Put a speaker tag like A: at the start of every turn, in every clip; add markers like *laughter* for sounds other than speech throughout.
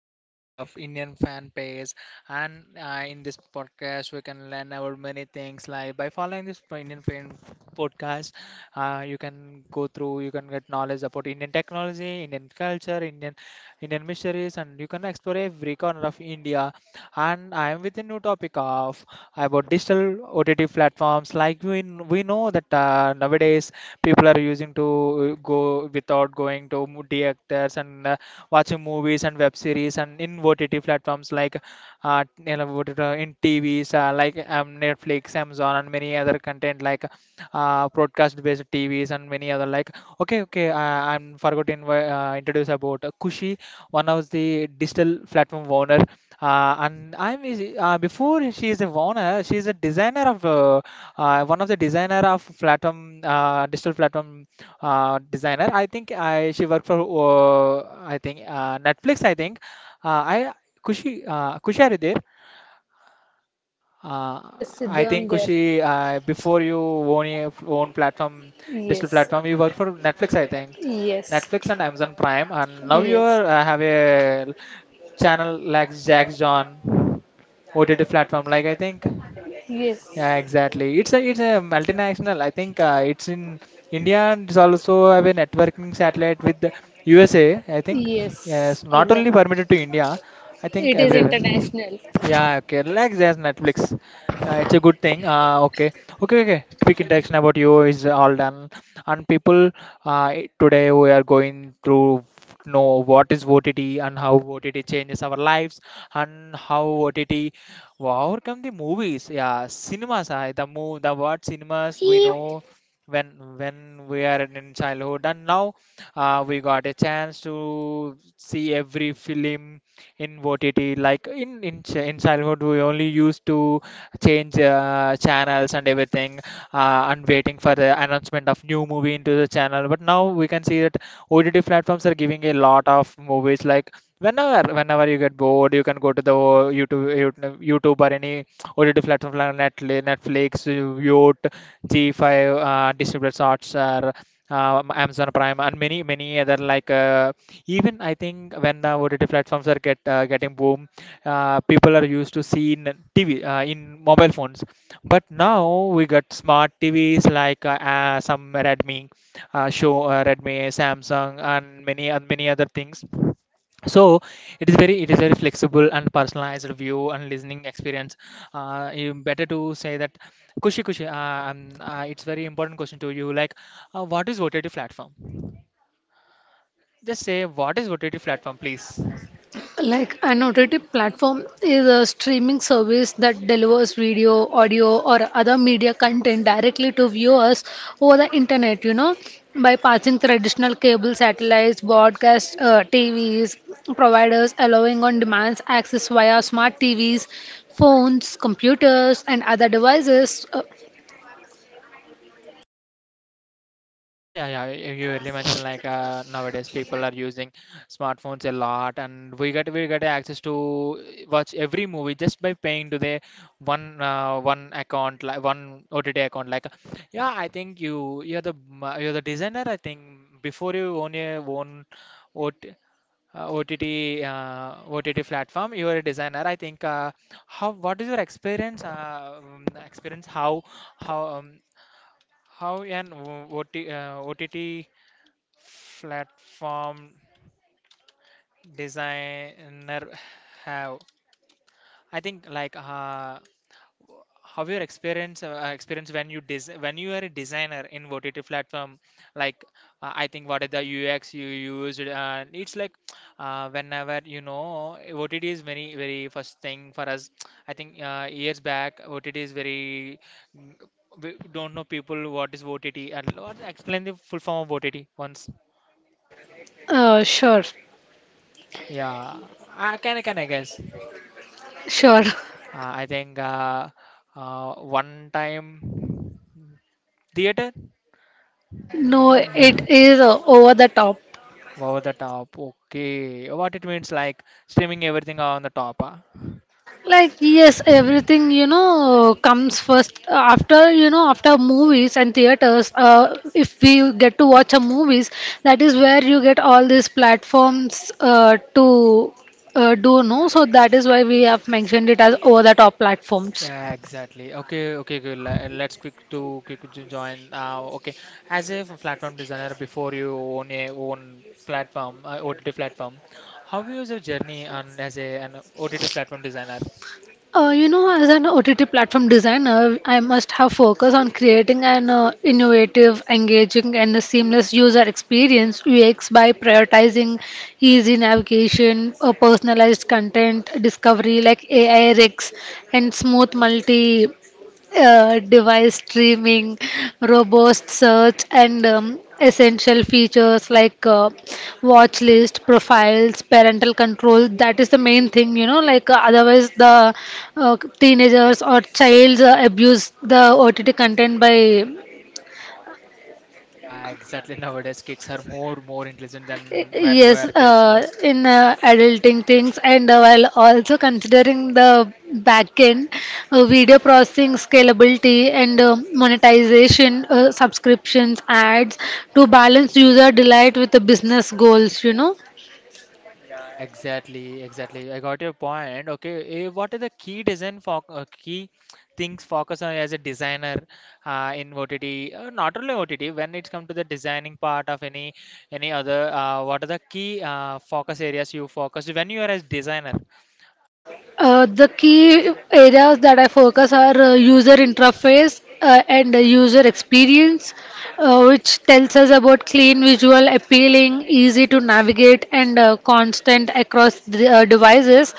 A: podcast channel of Indian Fan Page. And in this podcast, we can learn about many things, like by following this Indian Fan podcast. You can go through, you can get knowledge about Indian technology, Indian culture, Indian mysteries, and you can explore every corner of India. And I am with a new topic of about digital OTT platforms. Like we know that nowadays people are using to go without going to theaters and watching movies and web series and in OTT platforms, like in TVs like Netflix, Amazon, and many other content like broadcast-based TVs and many other like. Okay, okay, I'm forgotten introduce about Kushi, one of the digital platform owner. Before she is a owner, she is a designer of one of the designer of platform digital platform designer. I think I she worked for I think Netflix. I think I Kushi, Kushi, are you there? Uh,
B: Yes, Siddhu,
A: I
B: I'm
A: think
B: there.
A: Kushi, before you own your own platform, digital
B: Yes,
A: platform, you worked for Netflix, I think.
B: yes,
A: Netflix and Amazon Prime, and now you
B: yes,
A: are, have a channel like Jack John OTT platform. Like, I think.
B: yes,
A: Yeah, exactly. It's a multinational. I think it's in India and it's also have a networking satellite with the USA. I think
B: yes,
A: yes, not only
B: exactly.
A: permitted to India. I think
B: It is
A: everywhere.
B: international.
A: Yeah, okay. Like there's Netflix. Yeah, it's a good thing. Okay, okay. Quick interaction about you is all done. And people, uh, today we are going through know what is OTT and how OTT changes our lives and how OTT. Wow, how come the movies? Yeah, cinemas. I the move the word cinemas, we know when we are in childhood, and now we got a chance to see every film in OTT. Like, in in childhood, we only used to change channels and everything, and waiting for the announcement of new movie into the channel. But now we can see that OTT platforms are giving a lot of movies like. Whenever you get bored, you can go to the YouTube, YouTube, or any OTT platform like Netflix, Netflix, G5, Disney Plus Hotstar, or Amazon Prime, and many other like. Even I think when the OTT platforms are getting boom, people are used to seeing TV in mobile phones, but now we got smart TVs like some Redmi, show Redmi, Samsung, and many other things. So it is very flexible and personalized view and listening experience. You better to say that. Kushi, it's very important question to you, like what is OTT platform, just say what is OTT platform, please.
B: Like an OTT platform is a streaming service that delivers video, audio, or other media content directly to viewers over the internet, by passing traditional cable, satellites, broadcast TVs, providers allowing on demand access via smart TVs, phones, computers, and other devices.
A: Yeah, yeah. You earlier mentioned like nowadays people are using smartphones a lot, and we get access to watch every movie just by paying to the one account, like one OTT account. Like, yeah, I think you're the designer. I think before you own your own OT, uh, OTT uh, OTT platform, you're a designer. I think how what is your experience how how um, how an OTT platform designer have? I think like how your experience when you when you are a designer in OTT platform, like I think what are the UX you used? It's like whenever you know OTT is very first thing for us. I think years back OTT is very, we don't know people what is OTT and what- explain the full form of OTT once.
B: Uh, sure,
A: Yeah, I can I guess.
B: sure. *laughs*
A: I think one time theater,
B: No,
A: then
B: it is over the top.
A: over the top. Okay, what it means like streaming everything on the top. Huh?
B: Like yes, everything comes first after after movies and theaters. If we get to watch a movies, that is where you get all these platforms to do know. So that is why we have mentioned it as over the top platforms.
A: Yeah, exactly. Okay, okay, good. Let's quick to quick to join. Okay, as a platform designer, before you own a own platform, OTT platform, how was your journey on as a an OTT platform designer?
B: You know, as an OTT platform designer, I must have focus on creating an innovative, engaging, and a seamless user experience (UX) by prioritizing easy navigation, personalized content discovery like AI rigs, and smooth multi device streaming, robust search, and essential features like watch list profiles parental control. That is the main thing, you know, like otherwise the teenagers or childs abuse the OTT content by
A: Yeah, exactly. Nowadays, kids are more intelligent than when we
B: yes
A: were kids. Yes.
B: in adulting things, and while also considering the backend video processing scalability and monetization, subscriptions, ads, to balance user delight with the business goals,
A: Exactly. I got your point. Okay, what are the key design for key things focus on as a designer in OTT? Not only OTT, when it comes to the designing part of any other, what are the key focus areas you focus when you are as designer?
B: The key areas that I focus are user interface and user experience, which tells us about clean visual, appealing, easy to navigate, and constant across the, devices.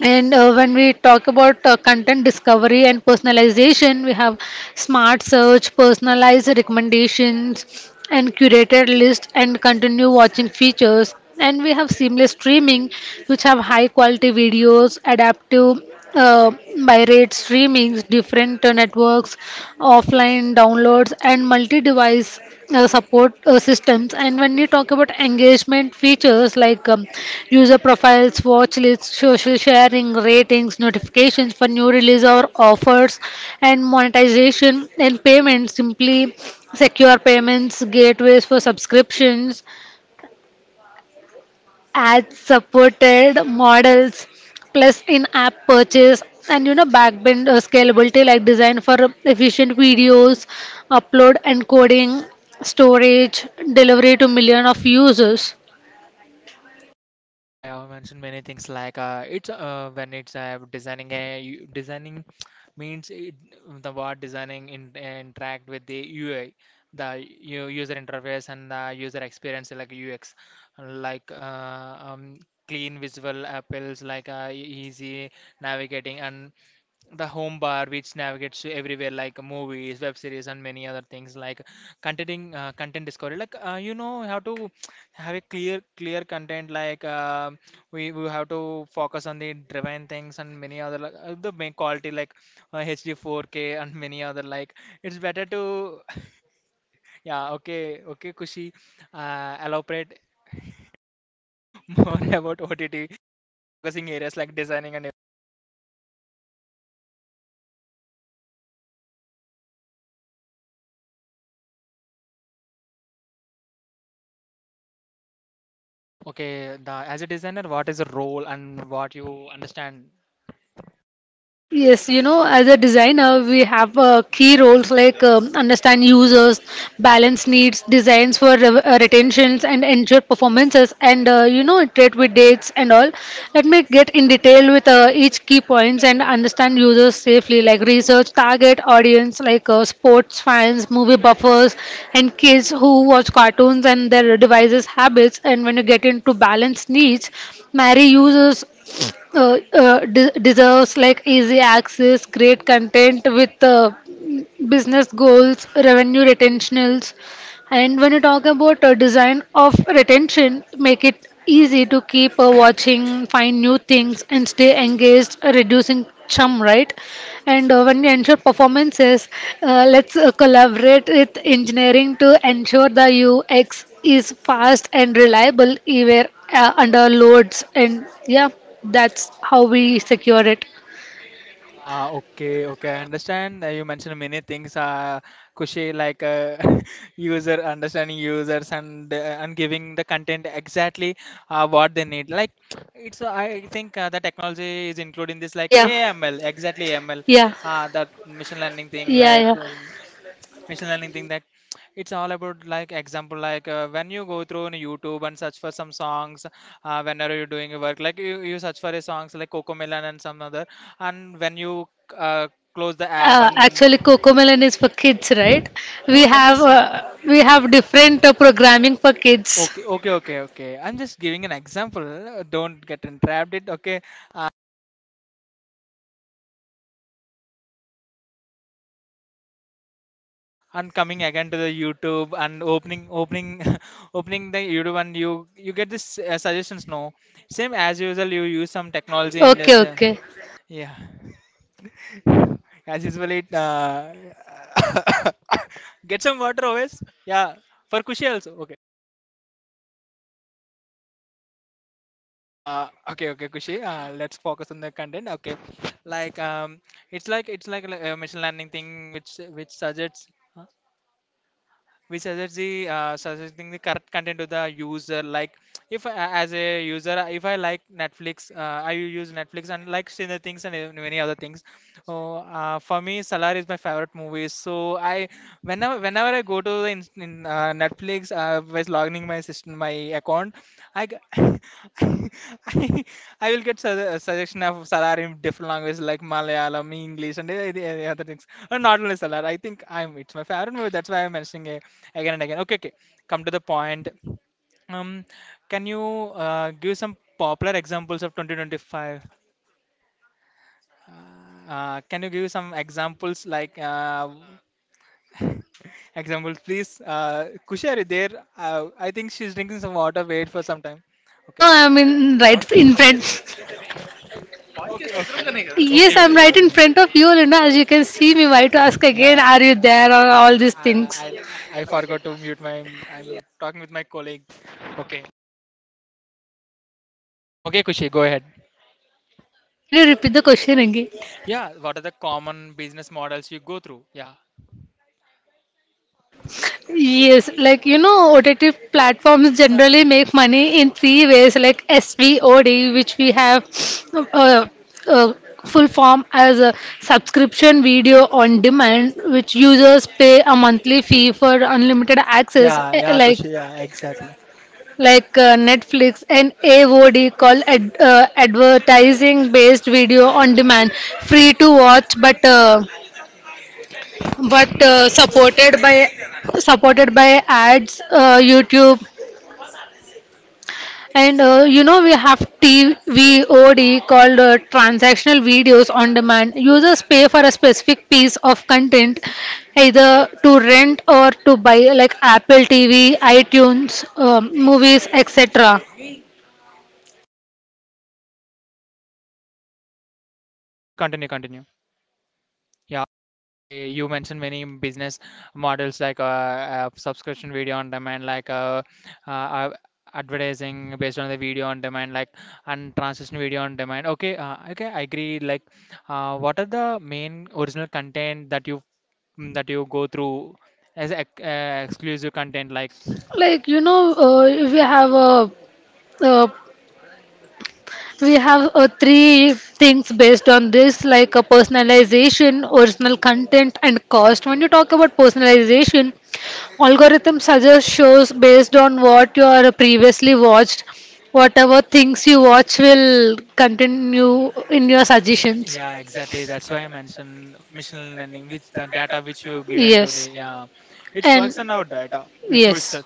B: And when we talk about content discovery and personalization, we have smart search, personalized recommendations, and curated list and continue watching features. And we have seamless streaming, which have high quality videos, adaptive uh, by rate streamings, different networks, offline downloads, and multi-device support systems. And when you talk about engagement features like user profiles, watch lists, social sharing, ratings, notifications for new release or offers, and monetization and payments, simply secure payments gateways for subscriptions, ad supported models plus in app purchase, and you know backbend scalability, like design for efficient videos, upload encoding, storage, delivery to million of users.
A: Yeah, I mentioned many things, like it's when it's designing a designing means it, the word designing in, interact with the UI, the user interface and the user experience like UX, like clean visual appeals, like easy navigating and the home bar which navigates to everywhere, like movies, web series, and many other things, like content discovery, like you know how to have a clear content, like we have to focus on the driven things and many other like, the main quality like HD 4K and many other like it's better to *laughs* yeah. Okay, okay, Kushi, elaborate *laughs* more about ott focusing areas like designing and. Okay, the, as a designer, what is the role and what you understand?
B: Yes, you know, as a designer, we have key roles like understand users, balance needs, designs for retentions, and ensure performances, and you know, iterate with dates and all. Let me get in detail with each key points and understand users safely, like research, target audience, like sports fans, movie buffers, and kids who watch cartoons and their devices habits. And when you get into balance needs, marry users deserves like easy access, great content with business goals, revenue retentionals, and when you talk about a design of retention, make it easy to keep watching, find new things, and stay engaged, reducing chum, right? And when you ensure performances, let's collaborate with engineering to ensure the UX is fast and reliable even under loads. And yeah, that's how we secure it.
A: Ah, okay, okay. I understand. You mentioned many things, Kushi, like *laughs* user understanding users and giving the content exactly what they need. Like it's, I think the technology is including this, like
B: Yeah,
A: AML,
B: yeah,
A: that machine learning
B: yeah,
A: thing, like
B: yeah.
A: machine learning thing that it's all about, like example like when you go through on youtube and search for some songs, whenever you're doing your work, like you search for a songs like coco melon and some other. And when you uh, close the app
B: Actually,
A: and
B: Cocomelon is for kids, right?
A: who
B: We
A: I'm
B: have
A: just
B: uh, we have different programming for kids.
A: okay, I'm just giving an example. Don't get entrapped it. Okay, uh, and coming again to the youtube and opening opening *laughs* opening the youtube, and you get this suggestions, no? Same as usual, you use some technology in
B: Okay,
A: that
B: okay.
A: yeah. As usual, it *coughs* get some water always. Yeah, for Kushi also. Okay. Okay, okay, Kushi. Let's focus on the content. Okay, like it's like it's like a machine learning thing which suggests huh? Which suggests the suggesting the correct content to the user. Like if I, as a user, if I like Netflix, I use Netflix and like similar things and many other things. Oh, for me, Salar is my favorite movie. So I, whenever I go to the Netflix, was logging my system, my account, I, g- *laughs* I, I will get su a suggestion of Salar in different languages, like Malayalam, English, and the other things. Not only Salar, I think I'm it's my favorite movie. That's why I'm mentioning it again and again. Okay, okay. Come to the point. Um, can you give some popular examples of 2025? Can you give some examples like *laughs* examples, please? Kushar is there. I think she's drinking some water. Wait for some time.
B: No,
A: Okay.
B: I'm in right in front.
A: Okay,
B: Yes,
A: okay,
B: I'm
A: okay.
B: right in front of you. You, as you can see me, why to ask again?
A: yeah.
B: Are you there or all these things?
A: I, I forgot to mute my. I'm talking with my colleague. Okay. Okay, Kushi, go ahead.
B: Can you repeat the question again?
A: Yeah, what are the common business models you go through? Yeah.
B: Yes, like you know, OTT platforms generally make money in three ways, like SVOD, which we have uh, uh, full form as a subscription video on demand, which users pay a monthly fee for unlimited access,
A: Yeah.
B: eh,
A: Yeah,
B: like
A: Kushi. Yeah, exactly.
B: like Netflix, and AVOD called advertising based video on demand, free to watch, but supported by ads, YouTube, and you know we have TVOD called transactional videos on demand. Users pay for a specific piece of content either to rent or to buy, like Apple TV, iTunes, movies, etc.
A: Kushi, continue. Continue. Yeah, okay. You mentioned many business models, like subscription video on demand, like uh, uh, advertising based on the video on demand, like, and transition video on demand. Okay, okay, I agree. Like, what are the main original content that you that you go through as exclusive content? Like,
B: Like you know, we have a uh, we have three things based on this, like a personalization, original content, and cost. When you talk about personalization, algorithm suggests shows based on what you are previously watched. Whatever things you watch will continue in your suggestions.
A: yeah, exactly. That's why I mentioned machine learning, which the data which you given to the
B: Yes.
A: yeah, it
B: And
A: works on our data which was.
B: yes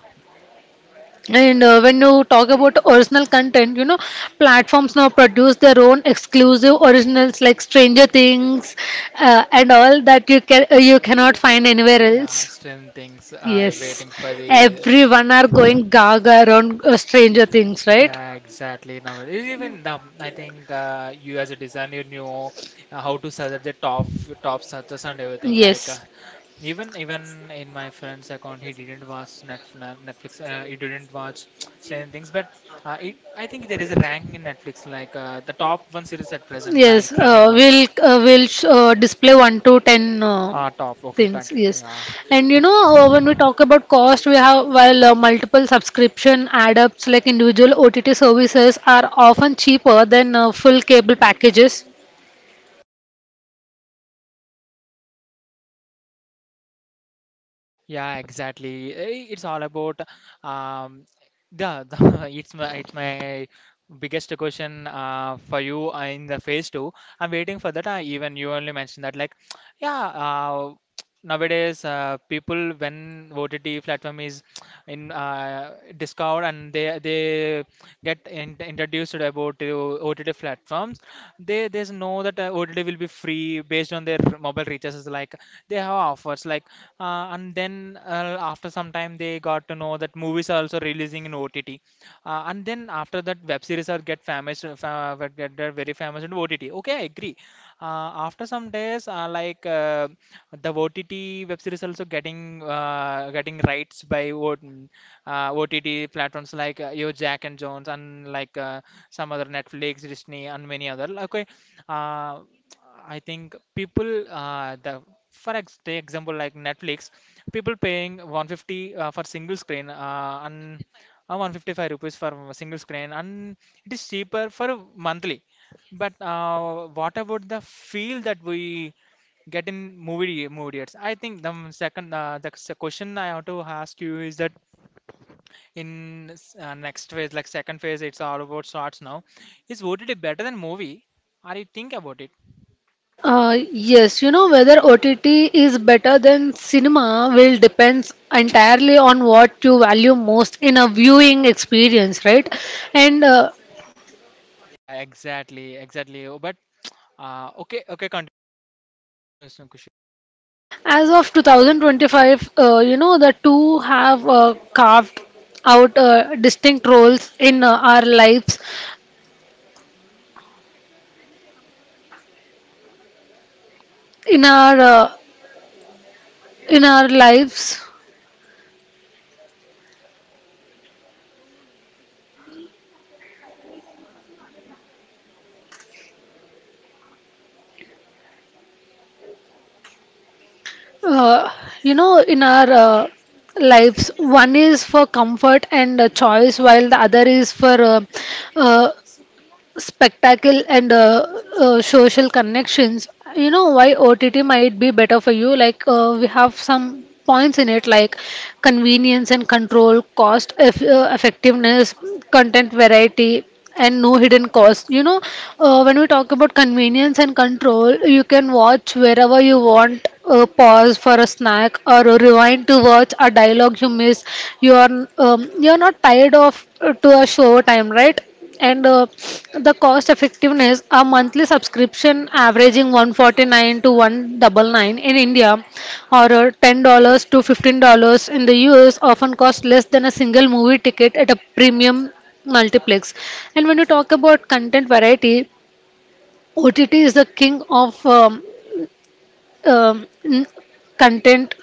B: when you talk about original content, you know, platforms now produce their own exclusive originals like Stranger Things and all, that you can you cannot find anywhere
A: Yeah,
B: else.
A: strange things. I
B: Yes,
A: waiting for the.
B: everyone are going gaga around Stranger Things, right?
A: Yeah, exactly. Now even the I think you as a designer knew how to select the top searches and everything. Like
B: Yes.
A: even in my friend's account, he didn't watch Netflix. He didn't watch strange things. But I think there is a ranking in Netflix. Like the top one series at present, like
B: Yes,
A: trending one.
B: we'll display one to ten
A: Ah, top. Okay,
B: things.
A: thank you.
B: Yes,
A: Yeah.
B: and you know when we talk about cost, we have while multiple subscription add-ups, like individual OTT services are often cheaper than full cable packages.
A: Yeah, exactly. It's all about um, the *laughs* it's my biggest question for you in the phase two. I'm waiting for that. Even you only mentioned that, like, *tsk* yeah. Nowadays, people when OTT platform is in Discord and they get in, introduced about the OTT platforms, they know that OTT will be free based on their mobile reaches, like they have offers, like and then after some time they got to know that movies are also releasing in OTT, and then after that web series are get famous, get very famous in OTT. Okay, I agree. After some days, the OTT web series also getting getting rights by o OTT platforms like Yo Jack and Jones, and like some other Netflix, Disney, and many other. Okay, uh, I think people the for ex take example like Netflix, people paying 150 for single screen and 155 rupees for a single screen, and it is cheaper for a monthly, but what about the feel that we get in movie theaters? I think the second the question I have to ask you is that in next phase, like second phase, it's all about shorts now. Is OTT better than movie? Are you think about it?
B: Yes, you know whether OTT is better than cinema will depends entirely on what you value most in a viewing experience, right? And
A: Yeah, exactly, exactly. Oh, but okay, okay, continue, Kushi.
B: As of 2025, you know, the two have carved out distinct roles in our lives, in our uh, in our lives, uh, you know, in our lives. One is for comfort and choice, while the other is for uh, spectacle and social connections, you know. Why OTT might be better for you? Like we have some points in it, like convenience and control, effectiveness, content variety, and no hidden cost, you know. When we talk about convenience and control, you can watch wherever you want, pause for a snack or rewind to watch a dialogue you miss. you are you are not tired of to a show time, right? And the cost effectiveness, a monthly subscription averaging 149 to 199 in India, or $10 to $15 in the US, often cost less than a single movie ticket at a premium multiplex. And when you talk about content variety, OTT is the king of um, n- content.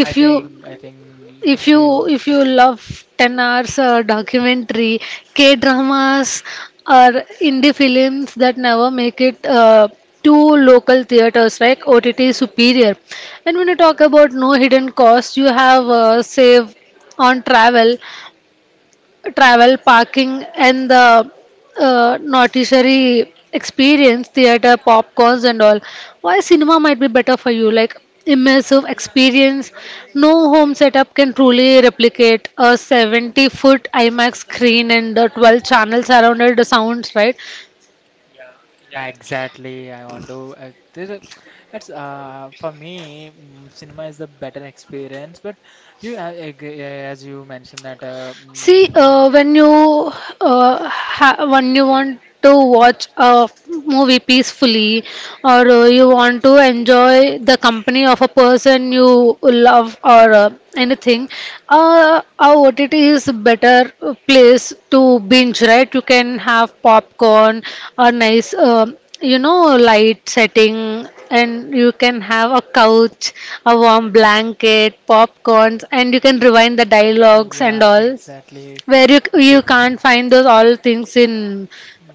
B: if you
A: I think you can do.
B: if you love 10 hours documentary, K dramas, or indie films that never make it to local theaters, like OTT superior. And when you talk about no hidden cost, you have save on travel, parking, and the noticiary experience, theater, popcorns, and all. Why cinema might be better for you? Like immersive experience, no home setup can truly replicate a 70-foot IMAX screen and the 12 channels around it, the sounds, right?
A: Yeah, exactly. I want to. There's a, *tsk* it's for me, cinema is the better experience. But you, as you mentioned that,
B: See, uh, when you uh, ha when you want to watch a movie peacefully, or you want to enjoy the company of a person you love, or anything, a OTT is a better place to binge. Right? You can have popcorn, a nice you know light setting. And you can have a couch, a warm blanket, popcorns, and you can rewind the dialogues and
A: yeah,
B: all,
A: exactly,
B: where you can't find those all things in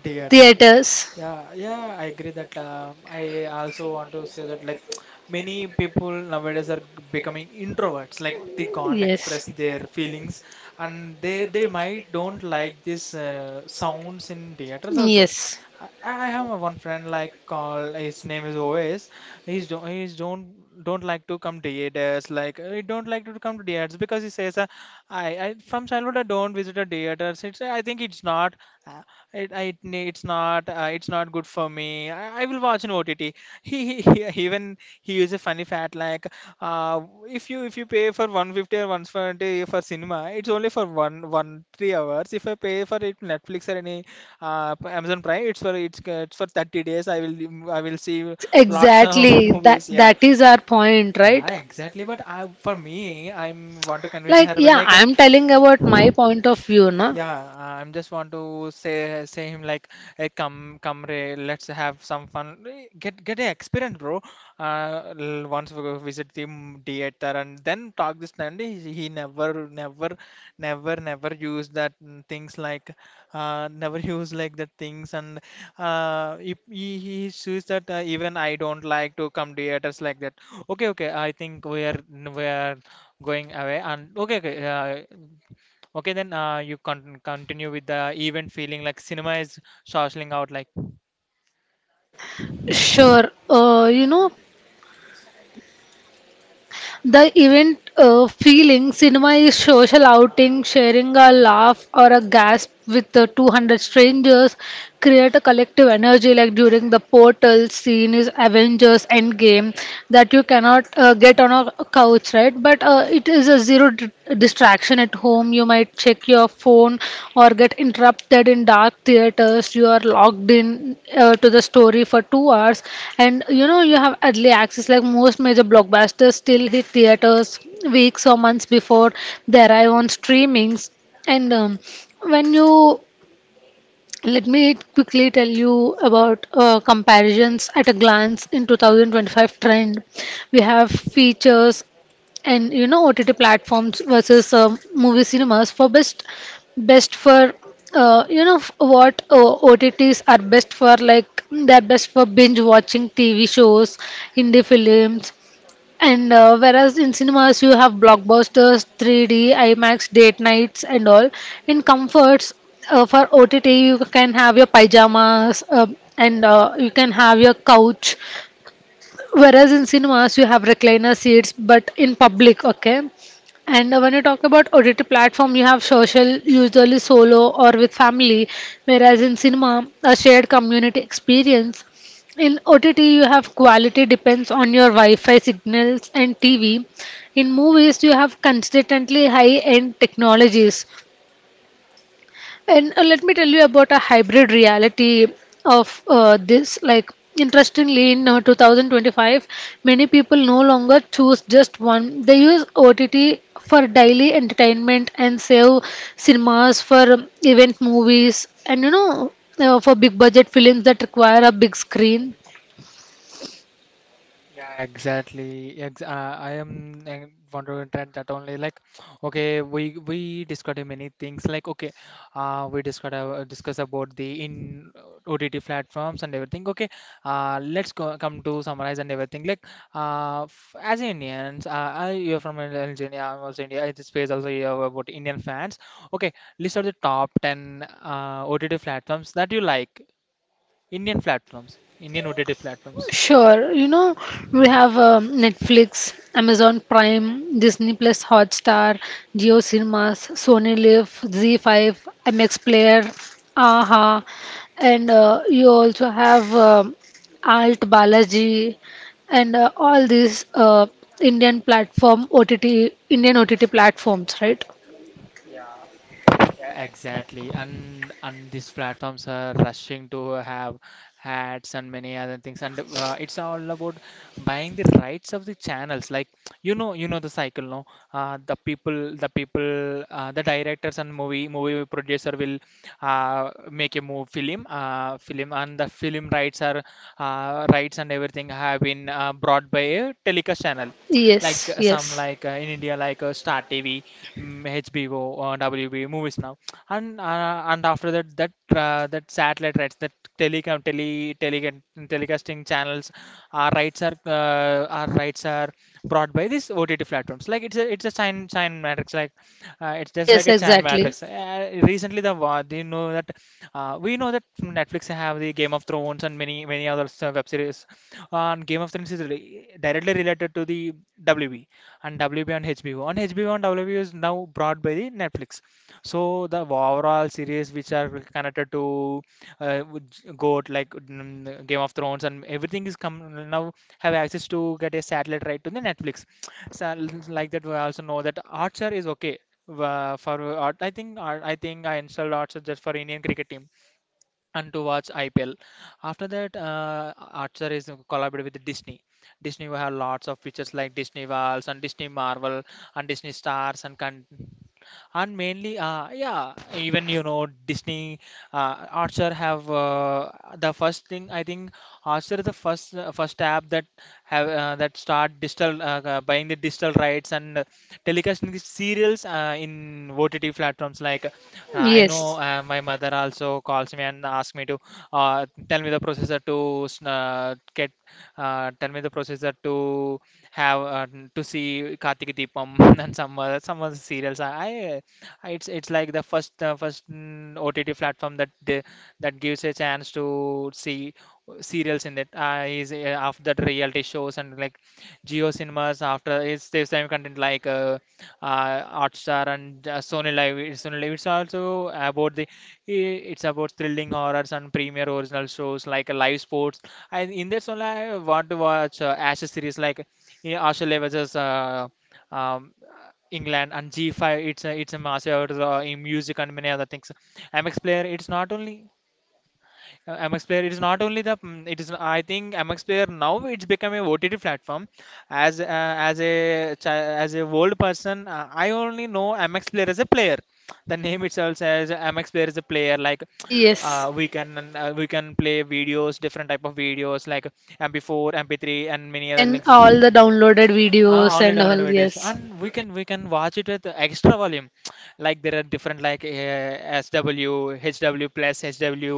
A: theater.
B: theaters.
A: Yeah, yeah, I agree that. I also want to say that, like, *tsk* many people nowadays are becoming introverts. Like, they can't express
B: Yes.
A: their feelings, and they might don't like this sounds in theaters also.
B: Yes.
A: I have a one friend, like call his name is Ovis. He's don't like to come to theaters. Like, he don't like to come to theaters because he says, I from childhood I don't visit a theaters. It's I think it's not uh, it's not it's not good for me. I will watch in OTT. He even he used a funny fact, like uh, if you pay for 150 or 120 for cinema, it's only for 1 1 3 hours. If I pay for it Netflix or any Amazon Prime, it's for it's for 30 days. I will see
B: Ex-
A: lots of *laughs*
B: exactly. That
A: movies. Yeah.
B: that is our point,
A: Yeah,
B: right?
A: exactly. But I, for me, I'm want to convince
B: Like
A: her about,
B: yeah,
A: like,
B: I'm telling about my point of view, na.
A: yeah, I'm just want to say him, like, hey, come come re let's have some fun. Get an experience, bro. Once we go visit the theater and then talk this, and he never use that things, like never *laughs* use like the things, and if he, he says that even I don't like to come theaters like that. Okay, okay, I think we are going away, and okay, okay, uh, okay, then you con continue with the event feeling, like, cinema is shortling out like.
B: Sure. You know, the event feeling, cinema is social outing, sharing a laugh or a gasp with 200 strangers, create a collective energy like during the portal scene is Avengers Endgame, that you cannot get on a couch, right? But it is a zero distraction connection at home. You might check your phone or get interrupted. In dark theaters, you are logged in to the story for 2 hours, and you know you have early access. Like most major blockbusters still hit theaters weeks or months before they arrive on streamings. And when you Let me quickly tell you about comparisons at a glance in 2025 trend. We have features, and you know OTT platforms versus movie cinemas. For best for, you know f- what OTTs are best for, like they're best for binge watching TV shows, indie films, and whereas in cinemas you have blockbusters, 3D, IMAX, date nights, and all. In comforts, for OTT you can have your pajamas and you can have your couch, whereas in cinemas you have recliner seats but in public, okay. And when you talk about OTT platform, you have social, usually solo or with family, whereas in cinema, a shared community experience. In OTT you have quality depends on your Wi-Fi signals and TV. In movies you have consistently high end technologies. And let me tell you about a hybrid reality of this. Like, interestingly, in 2025, many people no longer choose just one. They use OTT for daily entertainment and save cinemas for event movies and, you know, for big budget films that require a big screen.
A: Yeah, exactly. Ex I am want to that, that only, like, okay, we discussed many things. Like, okay, we discuss about the in OTT platforms and everything. Okay, let's go, come to summarize and everything. Like, f as Indians, I you're from Nigeria. I'm also India. In this space also you have about Indian fans. Okay, list out the top ten OTT platforms that you like. Indian platforms, Indian OTT platforms.
B: Sure, you know, we have Netflix, Amazon Prime, Disney Plus Hotstar, Geo Cinemas, Sony Live, Z5, MX Player, Aha, and you also have Alt Balaji, and all these Indian platform OTT, Indian OTT platforms, right?
A: Yeah, exactly. And these platforms are rushing to have ads and many other things. And it's all about buying the rights of the channels. Like, you know the cycle, no? The people, the directors and movie producer will make a move film, and the film rights and everything have been brought by a telecast channel like
B: Yes,
A: some
B: yes,
A: like in India like Star TV, HBO, WB movies now, and after that that satellite rights that telecom tele, tele telecasting channels our rights are brought by these OTT platforms, like it's a sign matrix, like it's just like
B: yes,
A: a chan
B: exactly.
A: matrix. Recently they know that we know that Netflix have the Game of Thrones and many many other websites series, and Game of Thrones is directly related to the WB, and WB on HBO. On HBO and WB is now brought by the Netflix. So the overall series which are connected to with GOAT, like Game of Thrones and everything, is come now, have access to get a satellite right to the Netflix. So like that, we also know that Archer is okay for art. I think art, I think I installed Archer just for Indian cricket team and to watch IPL. After that, Archer is collaborated with Disney. Disney will have lots of features like Disney Worlds and Disney Marvel and Disney Stars and and mainly, yeah, even you know Disney, Archer have the first thing I think Archer is the first app that have that start digital buying the digital rights and telecasting the serials in OTT platforms, like I know know,
B: Yes,
A: uh, my mother also calls me and asks me to tell me the processor to get, tell me the processor to have to see Kartik Deepam *laughs* and some other serials. I it's like the first OTT platform that they, that gives a chance to see serials in it. Is after that reality shows and like Geo Cinemas, after it's the same content, like Hotstar and Sony Live. It's Sony Live. It's also about the it's about thrilling horrors and premier original shows, like live sports. And in that only I want to watch Ashes series, like yeah, Australia versus um, England and G5. It's a massive in music and many other things. MX player. It's not only. MX Player, it is not only the it is, I think MX Player now it's become a OTT platform. As uh, as a chi- as a old person, I only know MX Player as a player. The name itself says MX Player is a player. Like
B: yes.
A: we can play videos, different type of videos, like MP4, MP3, and many other
B: And
A: links.
B: all the downloaded
A: Ah,
B: videos
A: only
B: and
A: downloaded
B: all,
A: videos,
B: yes.
A: and we can watch it with extra volume. *tsk* Like, there are different, like SW, HW plus, HW,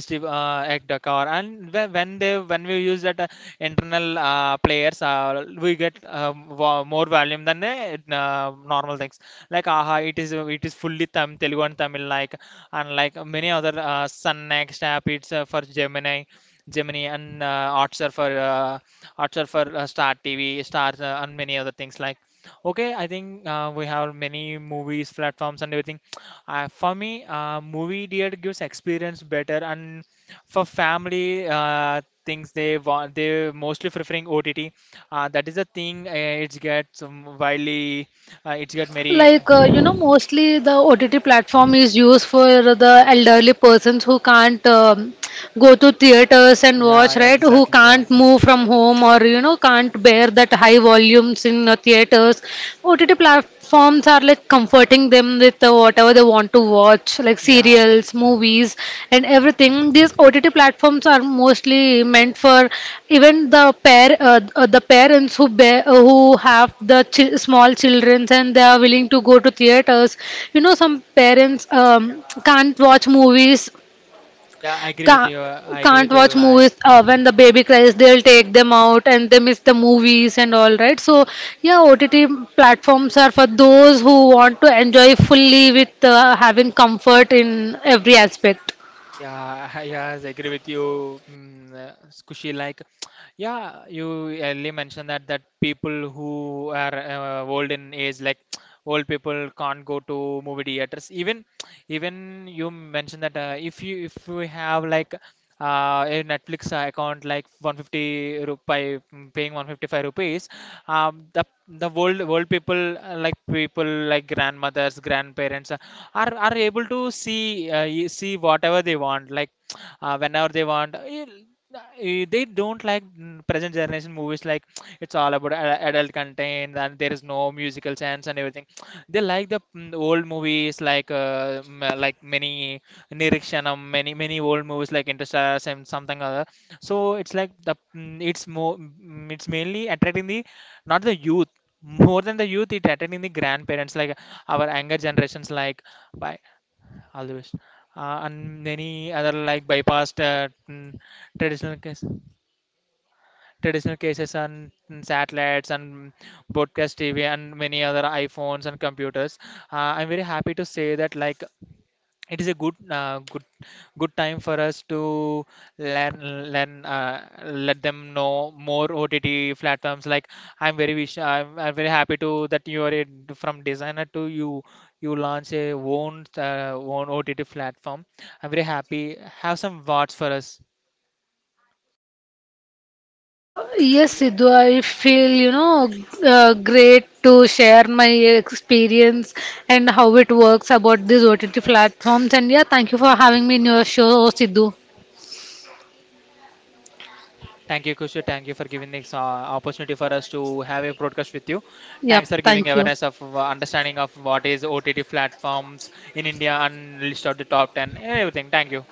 A: HD ectocore, and when they when we use that internal players, we get more volume than normal things. Like, aha, it is fully Tam Telugu and Tamil, like, and like many other Sun Next app, it's for Gemini. Gemini and arts for Star TV, Stars and many other things like. Okay, I think we have many movies platforms and everything. *tsk* For me, movie theater gives experience better, and for family things they want, they mostly preferring OTT. That is the thing. It gets widely, it get very.
B: Like you know, mostly the OTT platform is used for the elderly persons who can't go to theaters and watch,
A: Yeah,
B: right, who
A: exactly. Yeah,
B: can't move from home, or you know, can't bear that high volumes in theaters. OTT platforms are like comforting them with whatever they want to watch, like
A: yeah,
B: serials, movies, and everything. These OTT platforms are mostly meant for even the the parents who who have the small children and they are willing to go to theaters. You know, some parents can't watch movies
A: yeah. I agree with
B: can't,
A: you. I agree
B: can't
A: with you.
B: watch
A: Like.
B: movies when the baby cries. They'll take them out and they miss the movies and all, right? So yeah, OTT platforms are for those who want to enjoy fully with having comfort in every aspect.
A: Yeah, *laughs* yes, I agree with you, Kushi. Like, yeah, you earlier mentioned that that people who are old in age, like, *tsk* old people, can't go to movie theaters. Even, even you mentioned that if you have like a Netflix account, like 150 rupee, paying 155 rupees, the old people like people like grandmothers, grandparents are able to see see whatever they want, like *tsk* whenever they want. They don't like present generation movies, like *tsk* it's all about adult content and there's no musical sense and everything. *tsk* They like the old movies, like like many Nirikshanam, many many old movies like Interstellar and something other. So it's like it's more it's mainly attracting the not the youth, more than the youth it attracting the grandparents, like our younger generations, like by always. And many other like bypassed traditional case, traditional cases and satellites and broadcast TV and many other iPhones and computers. I'm very happy to say that, like, it is a good good time for us to let them know more OTT platforms. Like, I'm very happy to that you are a, from designer to you you launch a own OTT platform. I'm very happy. Have some words for us.
B: Yes, sidhu I feel, you know, great to share my experience and how it works about these OTT platforms. And yeah, thank you for having me in your show, sidhu
A: Thank you, Kushu. Thank you for giving this opportunity for us to have a broadcast with you.
B: yep,
A: Thanks for giving
B: thank you.
A: awareness of understanding of what is OTT platforms in India, and list out the top 10, everything. Thank you.